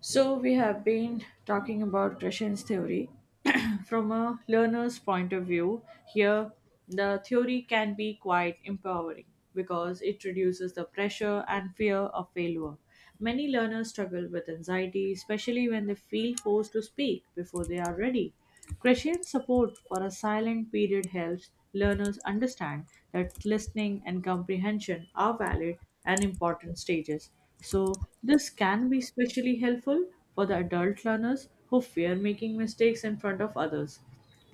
So, we have been talking about Gresham's theory. From a learner's point of view, here the theory can be quite empowering because it reduces the pressure and fear of failure. Many learners struggle with anxiety, especially when they feel forced to speak before they are ready. Crescent support for a silent period helps learners understand that listening and comprehension are valid and important stages. So, this can be especially helpful for the adult learners who fear making mistakes in front of others.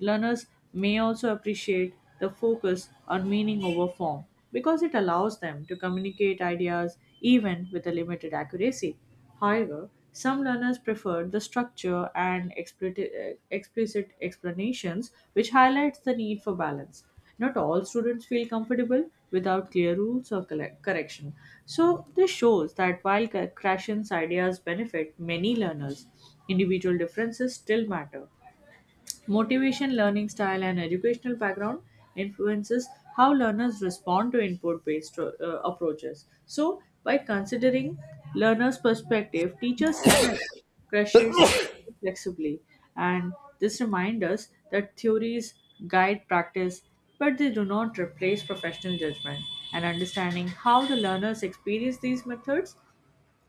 Learners may also appreciate the focus on meaning over form because it allows them to communicate ideas even with a limited accuracy. However, some learners prefer the structure and explicit explanations, which highlights the need for balance. Not all students feel comfortable without clear rules or correction. So, this shows that while Krashen's ideas benefit many learners, individual differences still matter. Motivation, learning style, and educational background influences how learners respond to input-based approaches. So, by considering learners' perspective, teachers can adapt pressures flexibly, and this reminds us that theories guide practice, but they do not replace professional judgment. And understanding how the learners experience these methods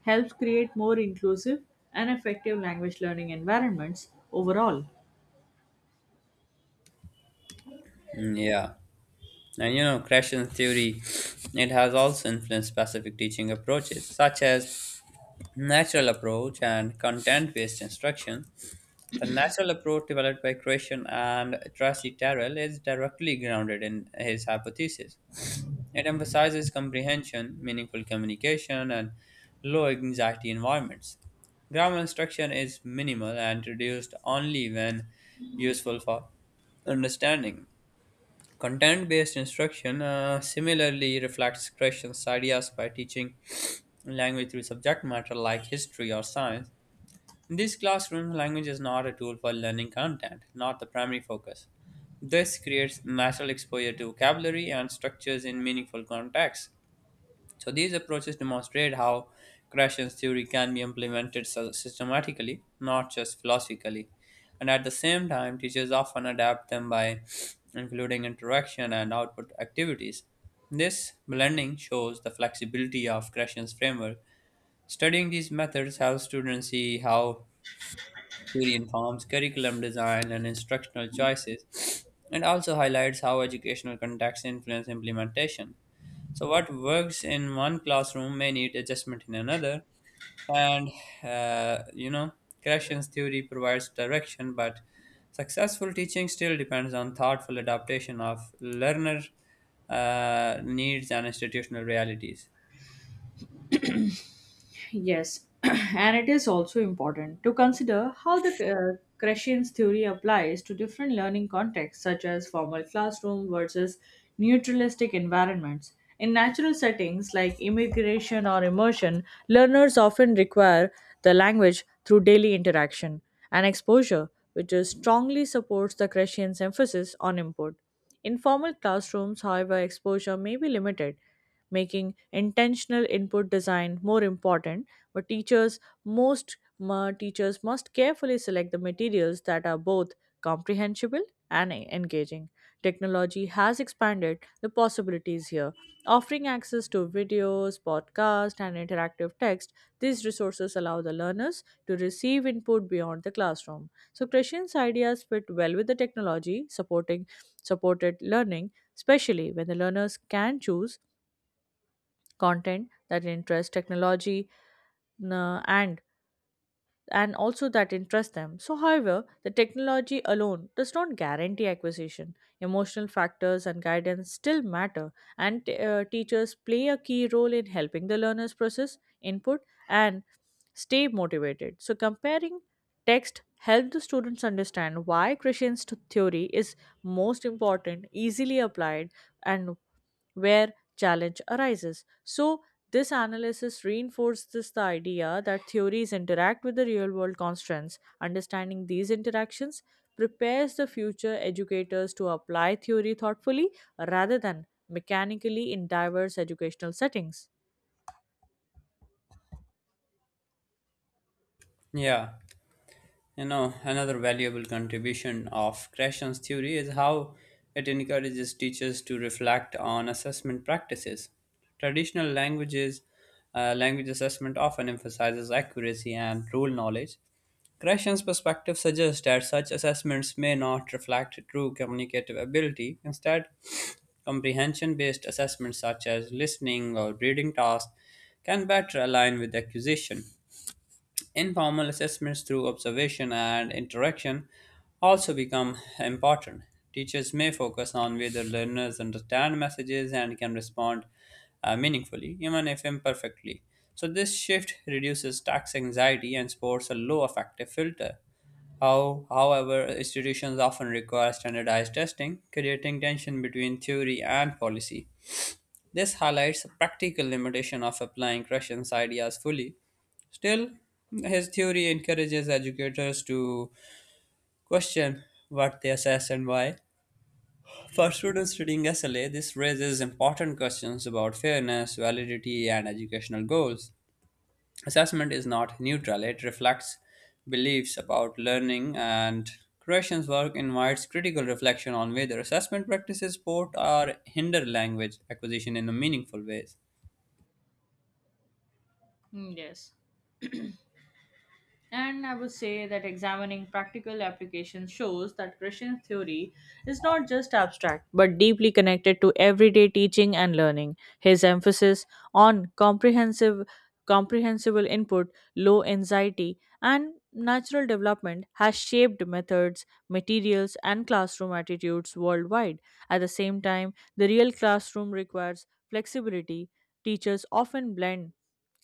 helps create more inclusive and effective language learning environments overall. Mm, Yeah, creation theory, it has also influenced specific teaching approaches such as natural approach and content-based instruction. The natural approach developed by Creation and Tracy Terrell is directly grounded in his hypothesis. It emphasizes comprehension, meaningful communication, and low anxiety environments. Grammar instruction is minimal and reduced only when useful for understanding. Content based instruction similarly reflects Christian's ideas by teaching language through subject matter like history or science. In these classrooms, language is not a tool for learning content, not the primary focus. This creates natural exposure to vocabulary and structures in meaningful contexts. So these approaches demonstrate how Krashen's theory can be implemented systematically, not just philosophically, and at the same time, teachers often adapt them by including interaction and output activities. This blending shows the flexibility of Krashen's framework. Studying these methods helps students see how theory informs curriculum design and instructional choices, and also highlights how educational contexts influence implementation. So, what works in one classroom may need adjustment in another, and uh, you know, Krashen's theory provides direction, but successful teaching still depends on thoughtful adaptation of learner needs and institutional realities. Yes, and it is also important to consider how the Kratian's theory applies to different learning contexts, such as formal classroom versus neutralistic environments. In natural settings like immigration or immersion, learners often require the language through daily interaction and exposure, which is strongly supports the Kratian's emphasis on input. In formal classrooms, however, exposure may be limited, making intentional input design more important, but teachers must carefully select the materials that are both comprehensible and engaging. Technology has expanded the possibilities here, offering access to videos, podcasts, and interactive text. These resources allow the learners to receive input beyond the classroom. So Christian's ideas fit well with the technology supporting supported learning, especially when the learners can choose content that interests technology n- and also that interest them. So however, the technology alone does not guarantee acquisition. Emotional factors and guidance still matter, and teachers play a key role in helping the learners process input and stay motivated. So comparing text help the students understand why Christian's theory is most important, easily applied, and where challenge arises. So, this analysis reinforces the idea that theories interact with the real world constraints. Understanding these interactions prepares the future educators to apply theory thoughtfully rather than mechanically in diverse educational settings. Yeah. You know, another valuable contribution of Krashen's theory is how it encourages teachers to reflect on assessment practices. Traditional languages, language assessment often emphasizes accuracy and rule knowledge. Krashen's perspective suggests that such assessments may not reflect true communicative ability. Instead, comprehension based assessments such as listening or reading tasks can better align with acquisition. Informal assessments through observation and interaction also become important. Teachers may focus on whether learners understand messages and can respond meaningfully, even if imperfectly. So, this shift reduces tax anxiety and supports a low affective filter. However, institutions often require standardized testing, creating tension between theory and policy. This highlights the practical limitation of applying Krashen's ideas fully. Still, his theory encourages educators to question what they assess and why. For students studying SLA, this raises important questions about fairness, validity, and educational goals. Assessment is not neutral, it reflects beliefs about learning, and Croatian's work invites critical reflection on whether assessment practices support or hinder language acquisition in a meaningful ways. Mm, yes. And I would say that examining practical applications shows that Christian theory is not just abstract but deeply connected to everyday teaching and learning. His emphasis on comprehensive comprehensible input, low anxiety, and natural development has shaped methods, materials, and classroom attitudes worldwide. At the same time, the real classroom requires flexibility. Teachers often blend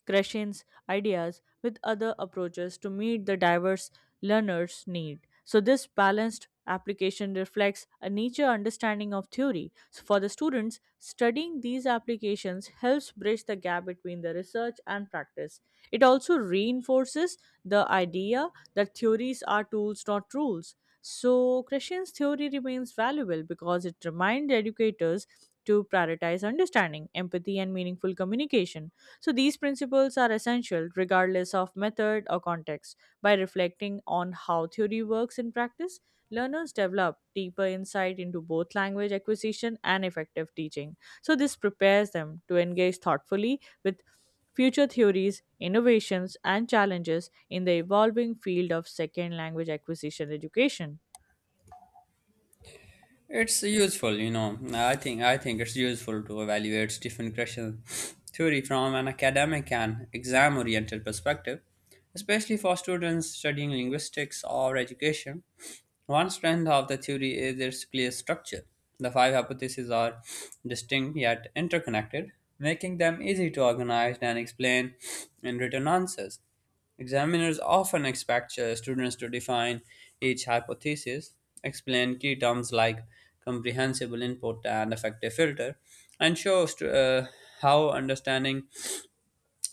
Krashen's ideas with other approaches to meet the diverse learners' need. So this balanced application reflects a nature understanding of theory. So for the students, studying these applications helps bridge the gap between the research and practice. It also reinforces the idea that theories are tools, not rules. So Krashen's theory remains valuable because it reminds educators to prioritize understanding, empathy, and meaningful communication. So these principles are essential regardless of method or context. By reflecting on how theory works in practice, learners develop deeper insight into both language acquisition and effective teaching. So this prepares them to engage thoughtfully with future theories, innovations, and challenges in the evolving field of second language acquisition education. It's useful, you know. I think it's useful to evaluate Stephen Krishna's theory from an academic and exam-oriented perspective, especially for students studying linguistics or education. One strength of the theory is its clear structure. The five hypotheses are distinct yet interconnected, making them easy to organize and explain in written answers. Examiners often expect students to define each hypothesis, explain key terms like comprehensible input and effective filter, and show how understanding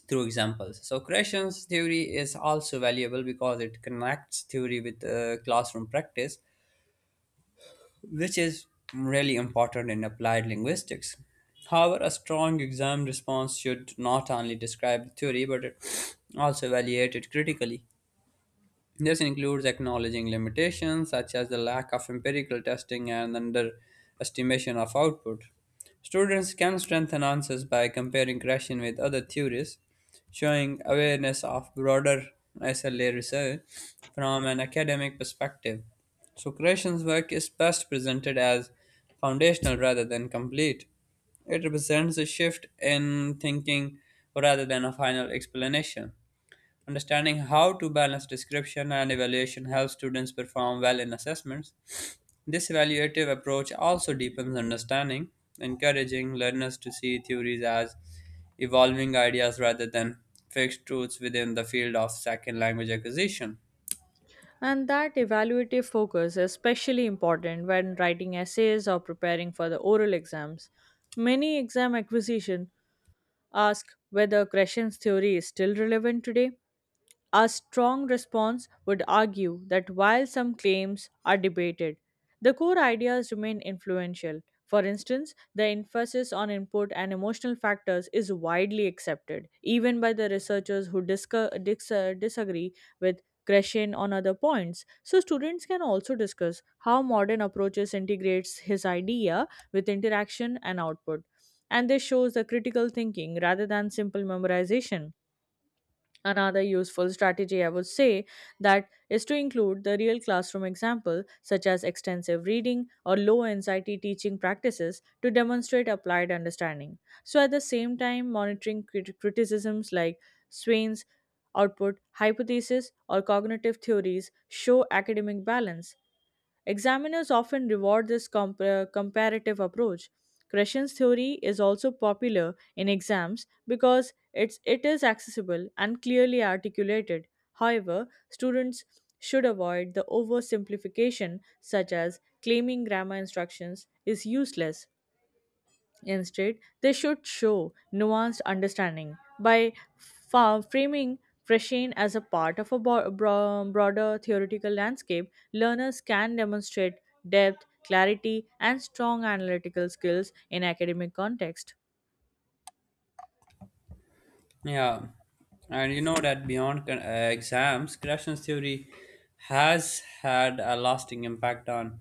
through examples. So, Creation's theory is also valuable because it connects theory with classroom practice, which is really important in applied linguistics. However, a strong exam response should not only describe the theory but it also evaluate it critically. This includes acknowledging limitations such as the lack of empirical testing and underestimation of output. Students can strengthen answers by comparing Krashen with other theories, showing awareness of broader SLA research from an academic perspective. So, Krashen's work is best presented as foundational rather than complete. It represents a shift in thinking rather than a final explanation. Understanding how to balance description and evaluation helps students perform well in assessments. This evaluative approach also deepens understanding, encouraging learners to see theories as evolving ideas rather than fixed truths within the field of second language acquisition. And that evaluative focus is especially important when writing essays or preparing for the oral exams. Many exam acquisition ask whether Gresham's theory is still relevant today. A strong response would argue that while some claims are debated, the core ideas remain influential. For instance, the emphasis on input and emotional factors is widely accepted, even by the researchers who disagree with Kreshin on other points. So, students can also discuss how modern approaches integrates his idea with interaction and output. And this shows the critical thinking rather than simple memorization. Another useful strategy, I would say, that is to include the real classroom example such as extensive reading or low anxiety teaching practices to demonstrate applied understanding. So at the same time, monitoring criticisms like Swain's output hypothesis or cognitive theories show academic balance. Examiners often reward this comparative approach. Kreshna's theory is also popular in exams because it is accessible and clearly articulated. However, students should avoid the oversimplification, such as claiming grammar instructions is useless. Instead, they should show nuanced understanding by framing Freshin as a part of a broader theoretical landscape. Learners can demonstrate depth, clarity, and strong analytical skills in academic context. Yeah, and you know that beyond exams, Gratian's theory has had a lasting impact on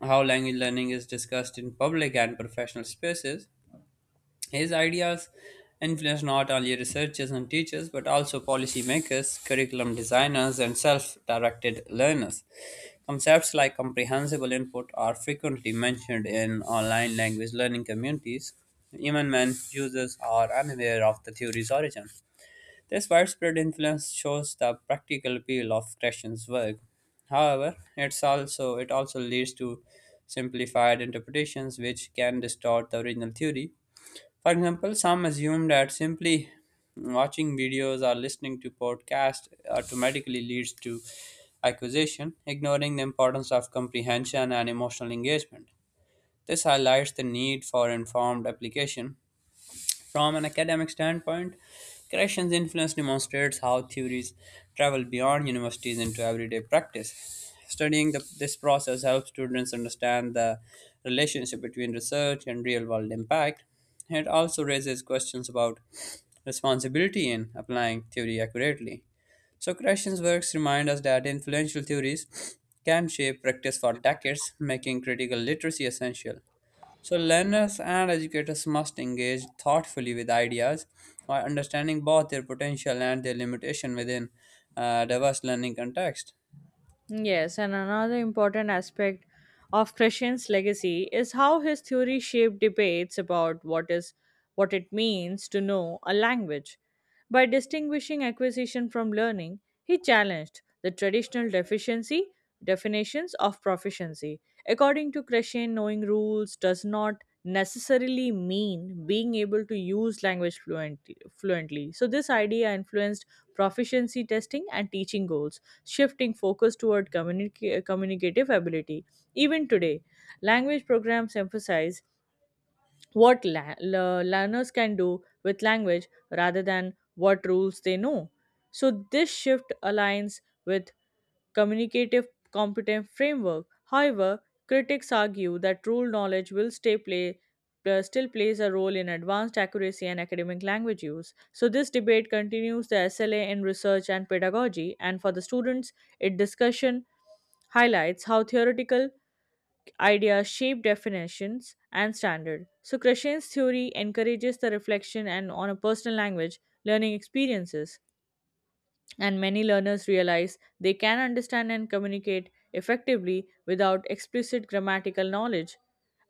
how language learning is discussed in public and professional spaces. His ideas influenced not only researchers and teachers, but also policymakers, curriculum designers, and self directed learners. Concepts like comprehensible input are frequently mentioned in online language learning communities, even when users are unaware of the theory's origin. This widespread influence shows the practical appeal of Krashen's work. However, it also leads to simplified interpretations which can distort the original theory. For example, some assume that simply watching videos or listening to podcasts automatically leads to acquisition, ignoring the importance of comprehension and emotional engagement. This highlights the need for informed application from an academic standpoint. Krashen's influence demonstrates how theories travel beyond universities into everyday practice. Studying this process helps students understand the relationship between research and real world impact. It also raises questions about responsibility in applying theory accurately. So, Krashen's works remind us that influential theories can shape practice for decades, making critical literacy essential. So, learners and educators must engage thoughtfully with ideas while understanding both their potential and their limitation within a diverse learning context. Yes, and another important aspect of Christian's legacy is how his theory shaped debates about what it means to know a language. By distinguishing acquisition from learning, he challenged the traditional deficiency definitions of proficiency. According to Christian, knowing rules does not necessarily mean being able to use language fluently. So this idea influenced proficiency testing and teaching goals, shifting focus toward communicative ability. Even today, language programs emphasize what learners can do with language rather than what rules they know. So, this shift aligns with communicative competent framework. However, critics argue that rule knowledge will stay play still plays a role in advanced accuracy and academic language use. So this debate continues the SLA in research and pedagogy, and for the students, it discussion highlights how theoretical ideas shape definitions and standard. So Krishan's theory encourages the reflection and on a personal language learning experiences, and many learners realize they can understand and communicate effectively without explicit grammatical knowledge.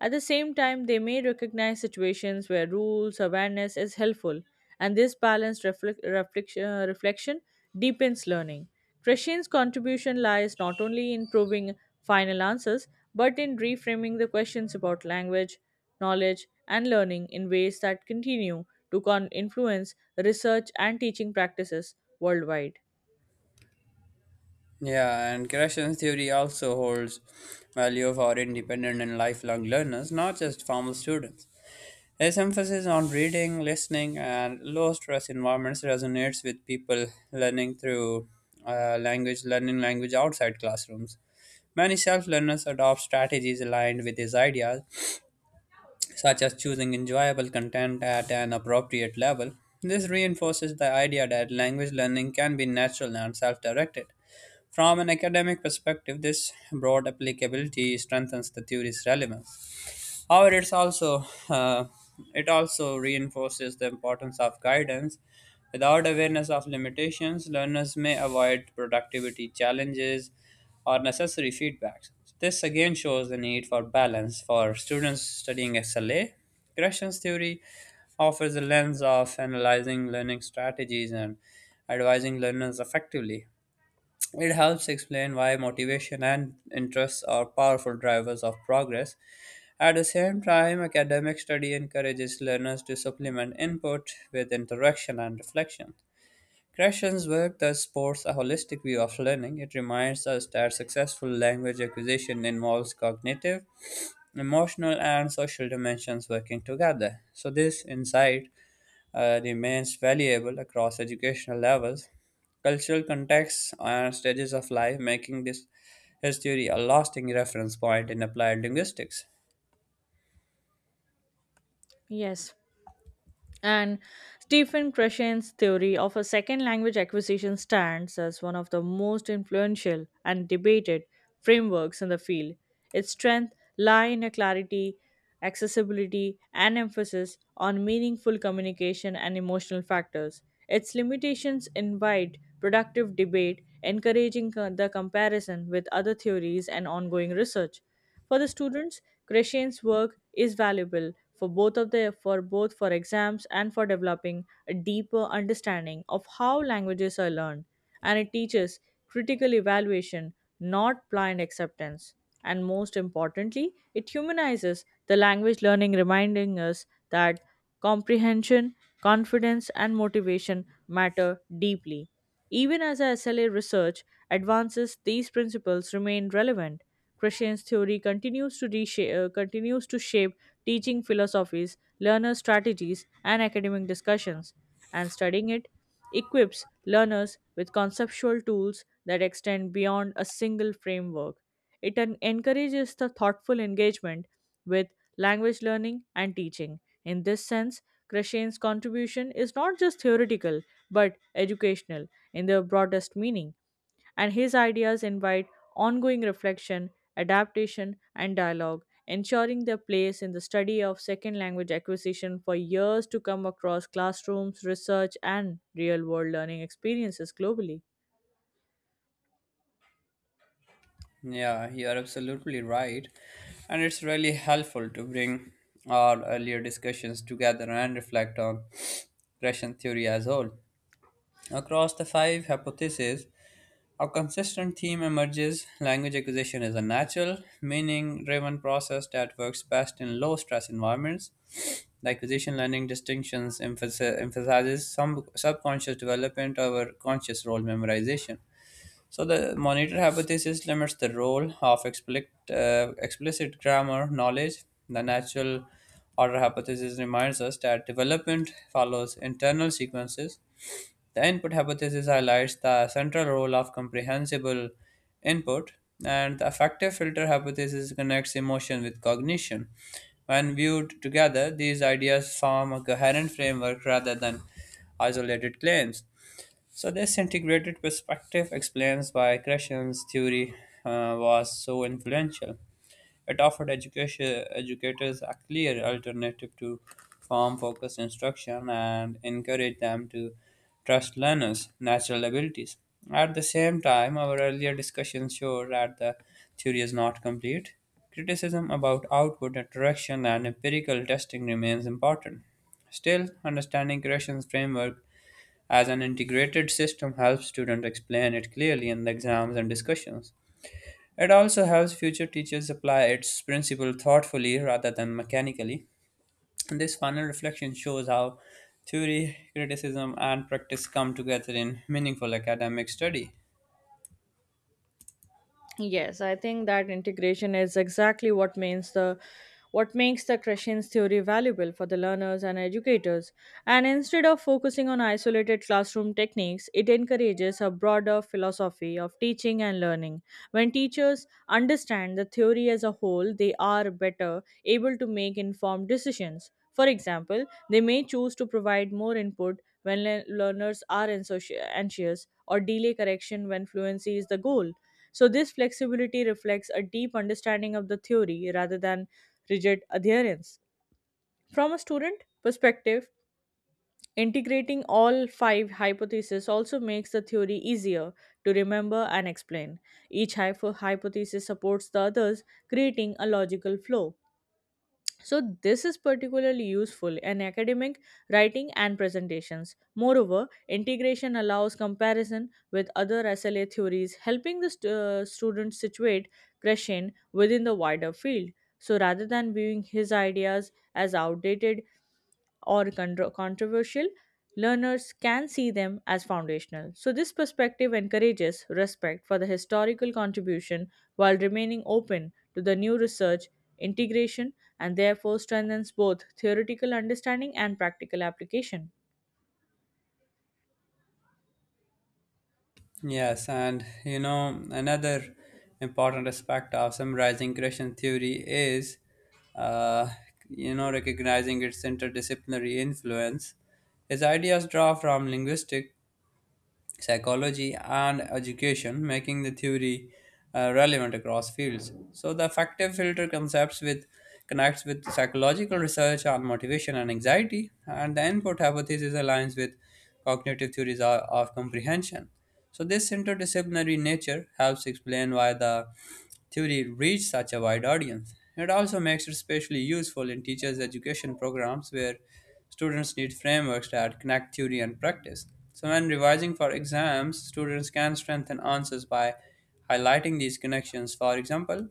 At the same time, they may recognize situations where rules awareness is helpful, and this balanced reflection deepens learning. Krishin's contribution lies not only in proving final answers but in reframing the questions about language, knowledge, and learning in ways that continue to influence research and teaching practices worldwide. Yeah, and Gratian's theory also holds value for independent and lifelong learners, not just formal students. His emphasis on reading, listening, and low stress environments resonates with people learning through learning language outside classrooms. Many self learners adopt strategies aligned with his ideas, such as choosing enjoyable content at an appropriate level. This reinforces the idea that language learning can be natural and self directed. From an academic perspective, this broad applicability strengthens the theory's relevance. However, it also reinforces the importance of guidance. Without awareness of limitations, learners may avoid productivity challenges or necessary feedbacks. This again shows the need for balance for students studying SLA. Gresham's theory offers a lens of analyzing learning strategies and advising learners effectively. It helps explain why motivation and interests are powerful drivers of progress. At the same time, academic study encourages learners to supplement input with interaction and reflection. Krashen's work thus supports a holistic view of learning. It reminds us that successful language acquisition involves cognitive, emotional, and social dimensions working together. So, this insight remains valuable across educational levels, cultural contexts, and stages of life, making this his theory a lasting reference point in applied linguistics. Yes. And Stephen Krashen's theory of a second language acquisition stands as one of the most influential and debated frameworks in the field. Its strength lie in a clarity, accessibility, and emphasis on meaningful communication and emotional factors. Its limitations invite productive debate, encouraging the comparison with other theories and ongoing research. For the students, Krishan's work is valuable for both for exams and for developing a deeper understanding of how languages are learned, and it teaches critical evaluation, not blind acceptance. And most importantly, it humanizes the language learning, reminding us that comprehension, confidence, and motivation matter deeply. Even as our SLA research advances, these principles remain relevant. Christian's theory continues to shape teaching philosophies, learner strategies, and academic discussions, and studying it equips learners with conceptual tools that extend beyond a single framework. It encourages the thoughtful engagement with language learning and teaching. In this sense, Krashen's contribution is not just theoretical but educational in the broadest meaning, and his ideas invite ongoing reflection, adaptation, and dialogue, ensuring their place in the study of second language acquisition for years to come across classrooms, research, and real world learning experiences globally. Yeah, you are absolutely right. And it's really helpful to bring our earlier discussions together and reflect on regression theory as a whole. Across the five hypotheses, a consistent theme emerges: language acquisition is a natural, meaning driven process that works best in low stress environments. The acquisition learning distinctions emphasizes some subconscious development over conscious role memorization, so the monitor hypothesis limits the role of explicit grammar knowledge. The natural order hypothesis reminds us that development follows internal sequences. The input hypothesis highlights the central role of comprehensible input, and the affective filter hypothesis connects emotion with cognition. When viewed together, these ideas form a coherent framework rather than isolated claims. So this integrated perspective explains why Gresham's theory was so influential. It offered education educators a clear alternative to form-focused instruction and encouraged them to trust learners' natural abilities. At the same time, our earlier discussions show that the theory is not complete. Criticism about output interaction and empirical testing remains important. Still, understanding Gresham's framework as an integrated system helps students explain it clearly in the exams and discussions. It also helps future teachers apply its principle thoughtfully rather than mechanically. This final reflection shows how theory, criticism, and practice come together in meaningful academic study. Yes, I think that integration is exactly what makes the Krashen's theory valuable for the learners and educators. And instead of focusing on isolated classroom techniques, it encourages a broader philosophy of teaching and learning. When teachers understand the theory as a whole, they are better able to make informed decisions. For example, they may choose to provide more input when learners are anxious, or delay correction when fluency is the goal. So, this flexibility reflects a deep understanding of the theory rather than rigid adherence. From a student perspective, integrating all five hypotheses also makes the theory easier to remember and explain. Each hypothesis supports the others, creating a logical flow. So, this is particularly useful in academic writing and presentations. Moreover, integration allows comparison with other SLA theories, helping the student situate Krashen within the wider field. So, rather than viewing his ideas as outdated or controversial, learners can see them as foundational. So, this perspective encourages respect for the historical contribution while remaining open to the new research, integration, and therefore strengthens both theoretical understanding and practical application. Yes, and you know, another important aspect of summarizing Christian theory is, uh, recognizing its interdisciplinary influence. His ideas draw from linguistic psychology, and education, making the theory relevant across fields. So the effective filter concepts with connects with psychological research on motivation and anxiety, and the input hypothesis aligns with cognitive theories of comprehension. So this interdisciplinary nature helps explain why the theory reached such a wide audience. It also makes it especially useful in teachers' education programs where students need frameworks that connect theory and practice. So when revising for exams, students can strengthen answers by highlighting these connections. For example,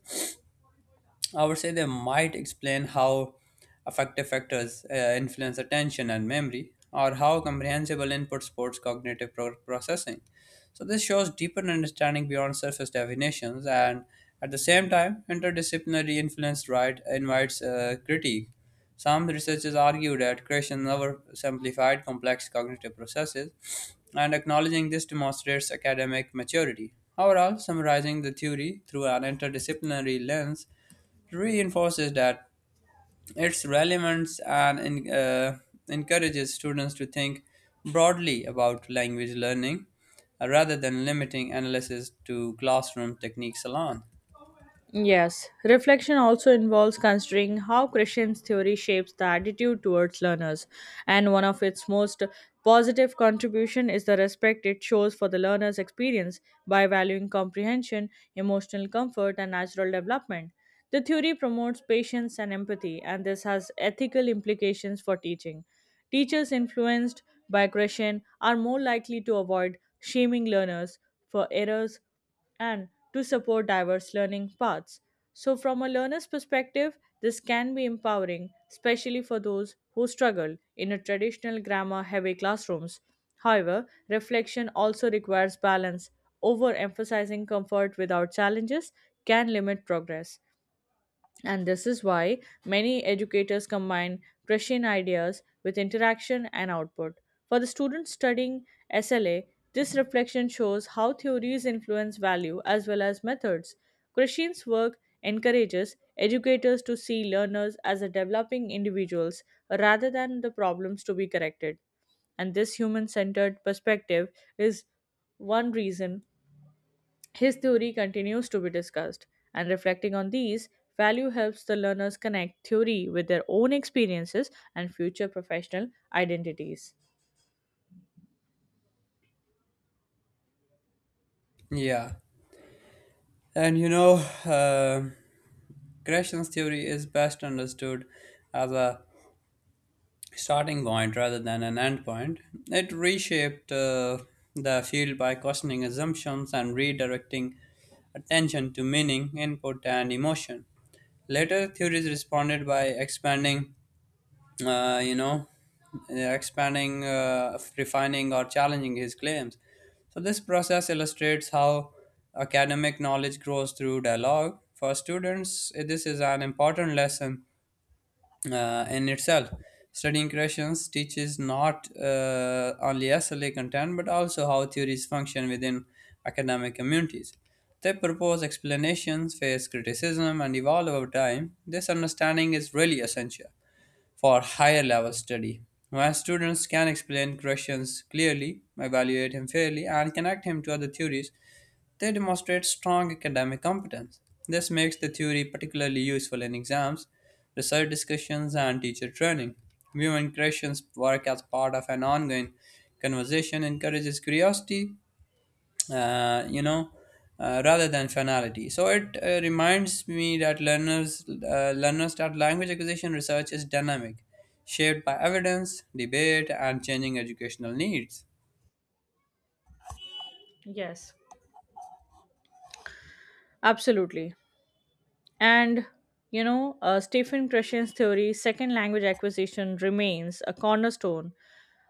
I would say they might explain how affective factors influence attention and memory, or how comprehensible input supports cognitive processing. So, this shows deeper understanding beyond surface definitions, and at the same time, interdisciplinary influence right invites critique. Some researchers argue that creation never simplified complex cognitive processes, and acknowledging this demonstrates academic maturity. Overall, summarizing the theory through an interdisciplinary lens reinforces that its relevance and encourages students to think broadly about language learning rather than limiting analysis to classroom techniques alone. Yes, reflection also involves considering how Christian's theory shapes the attitude towards learners, and one of its most positive contribution is the respect it shows for the learner's experience by valuing comprehension, emotional comfort, and natural development. The theory promotes patience and empathy, and this has ethical implications for teaching. Teachers influenced by Christian are more likely to avoid shaming learners for errors and to support diverse learning paths. So, from a learner's perspective, this can be empowering, especially for those who struggle in a traditional grammar heavy classrooms. However, reflection also requires balance. Overemphasizing comfort without challenges can limit progress. And this is why many educators combine Prussian ideas with interaction and output. For the students studying SLA, this reflection shows how theories influence value as well as methods. Krishin's work encourages educators to see learners as a developing individuals rather than the problems to be corrected. And this human centered perspective is one reason his theory continues to be discussed, and reflecting on these, value helps the learners connect theory with their own experiences and future professional identities. Yeah, and uh, Gresham's theory is best understood as a starting point rather than an end point. It reshaped the field by questioning assumptions and redirecting attention to meaning, input, and emotion. Later theories responded by uh, you know, expanding, refining, or challenging his claims. So, this process illustrates how academic knowledge grows through dialogue. For students, this is an important lesson in itself. Studying questions teaches not only SLA content but also how theories function within academic communities. They propose explanations, face criticism, and evolve over time. This understanding is really essential for higher level study. My students can explain questions clearly, evaluate him fairly, and connect him to other theories. They demonstrate strong academic competence. This makes the theory particularly useful in exams, research discussions, and teacher training. Viewing questions work as part of an ongoing conversation encourages curiosity uh, you know, rather than finality. So it reminds me that learners that language acquisition research is dynamic, shaped by evidence, debate, and changing educational needs. Yes. Absolutely. And Stephen Krashen's theory, second language acquisition, remains a cornerstone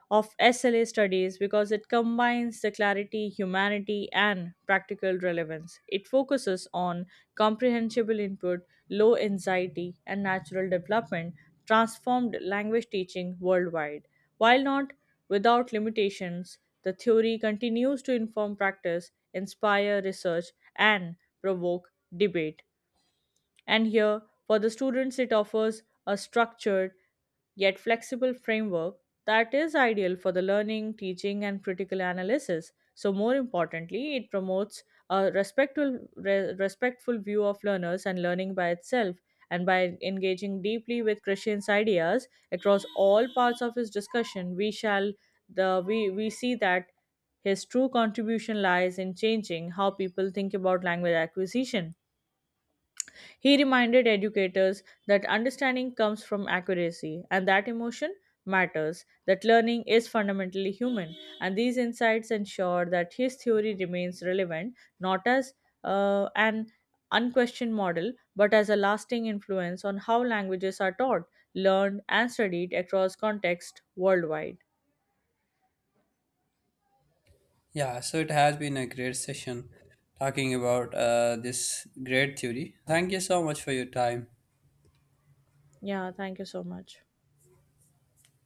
of SLA studies because it combines the clarity, humanity, and practical relevance. It focuses on comprehensible input, low anxiety, and natural development, transformed language teaching worldwide. While not without limitations, the theory continues to inform practice, inspire research, and provoke debate. And here, for the students, it offers a structured yet flexible framework that is ideal for the learning, teaching, and critical analysis. So, more importantly, it promotes a respectful view of learners and learning by itself. And by engaging deeply with Christian's ideas across all parts of his discussion, we shall the we see that his true contribution lies in changing how people think about language acquisition. He reminded educators that understanding comes from accuracy and that emotion matters, that learning is fundamentally human, and these insights ensure that his theory remains relevant not as an unquestioned model but as a lasting influence on how languages are taught, learned, and studied across context worldwide. Yeah, so it has been a great session talking about this great theory. Thank you so much for your time. Yeah, thank you so much.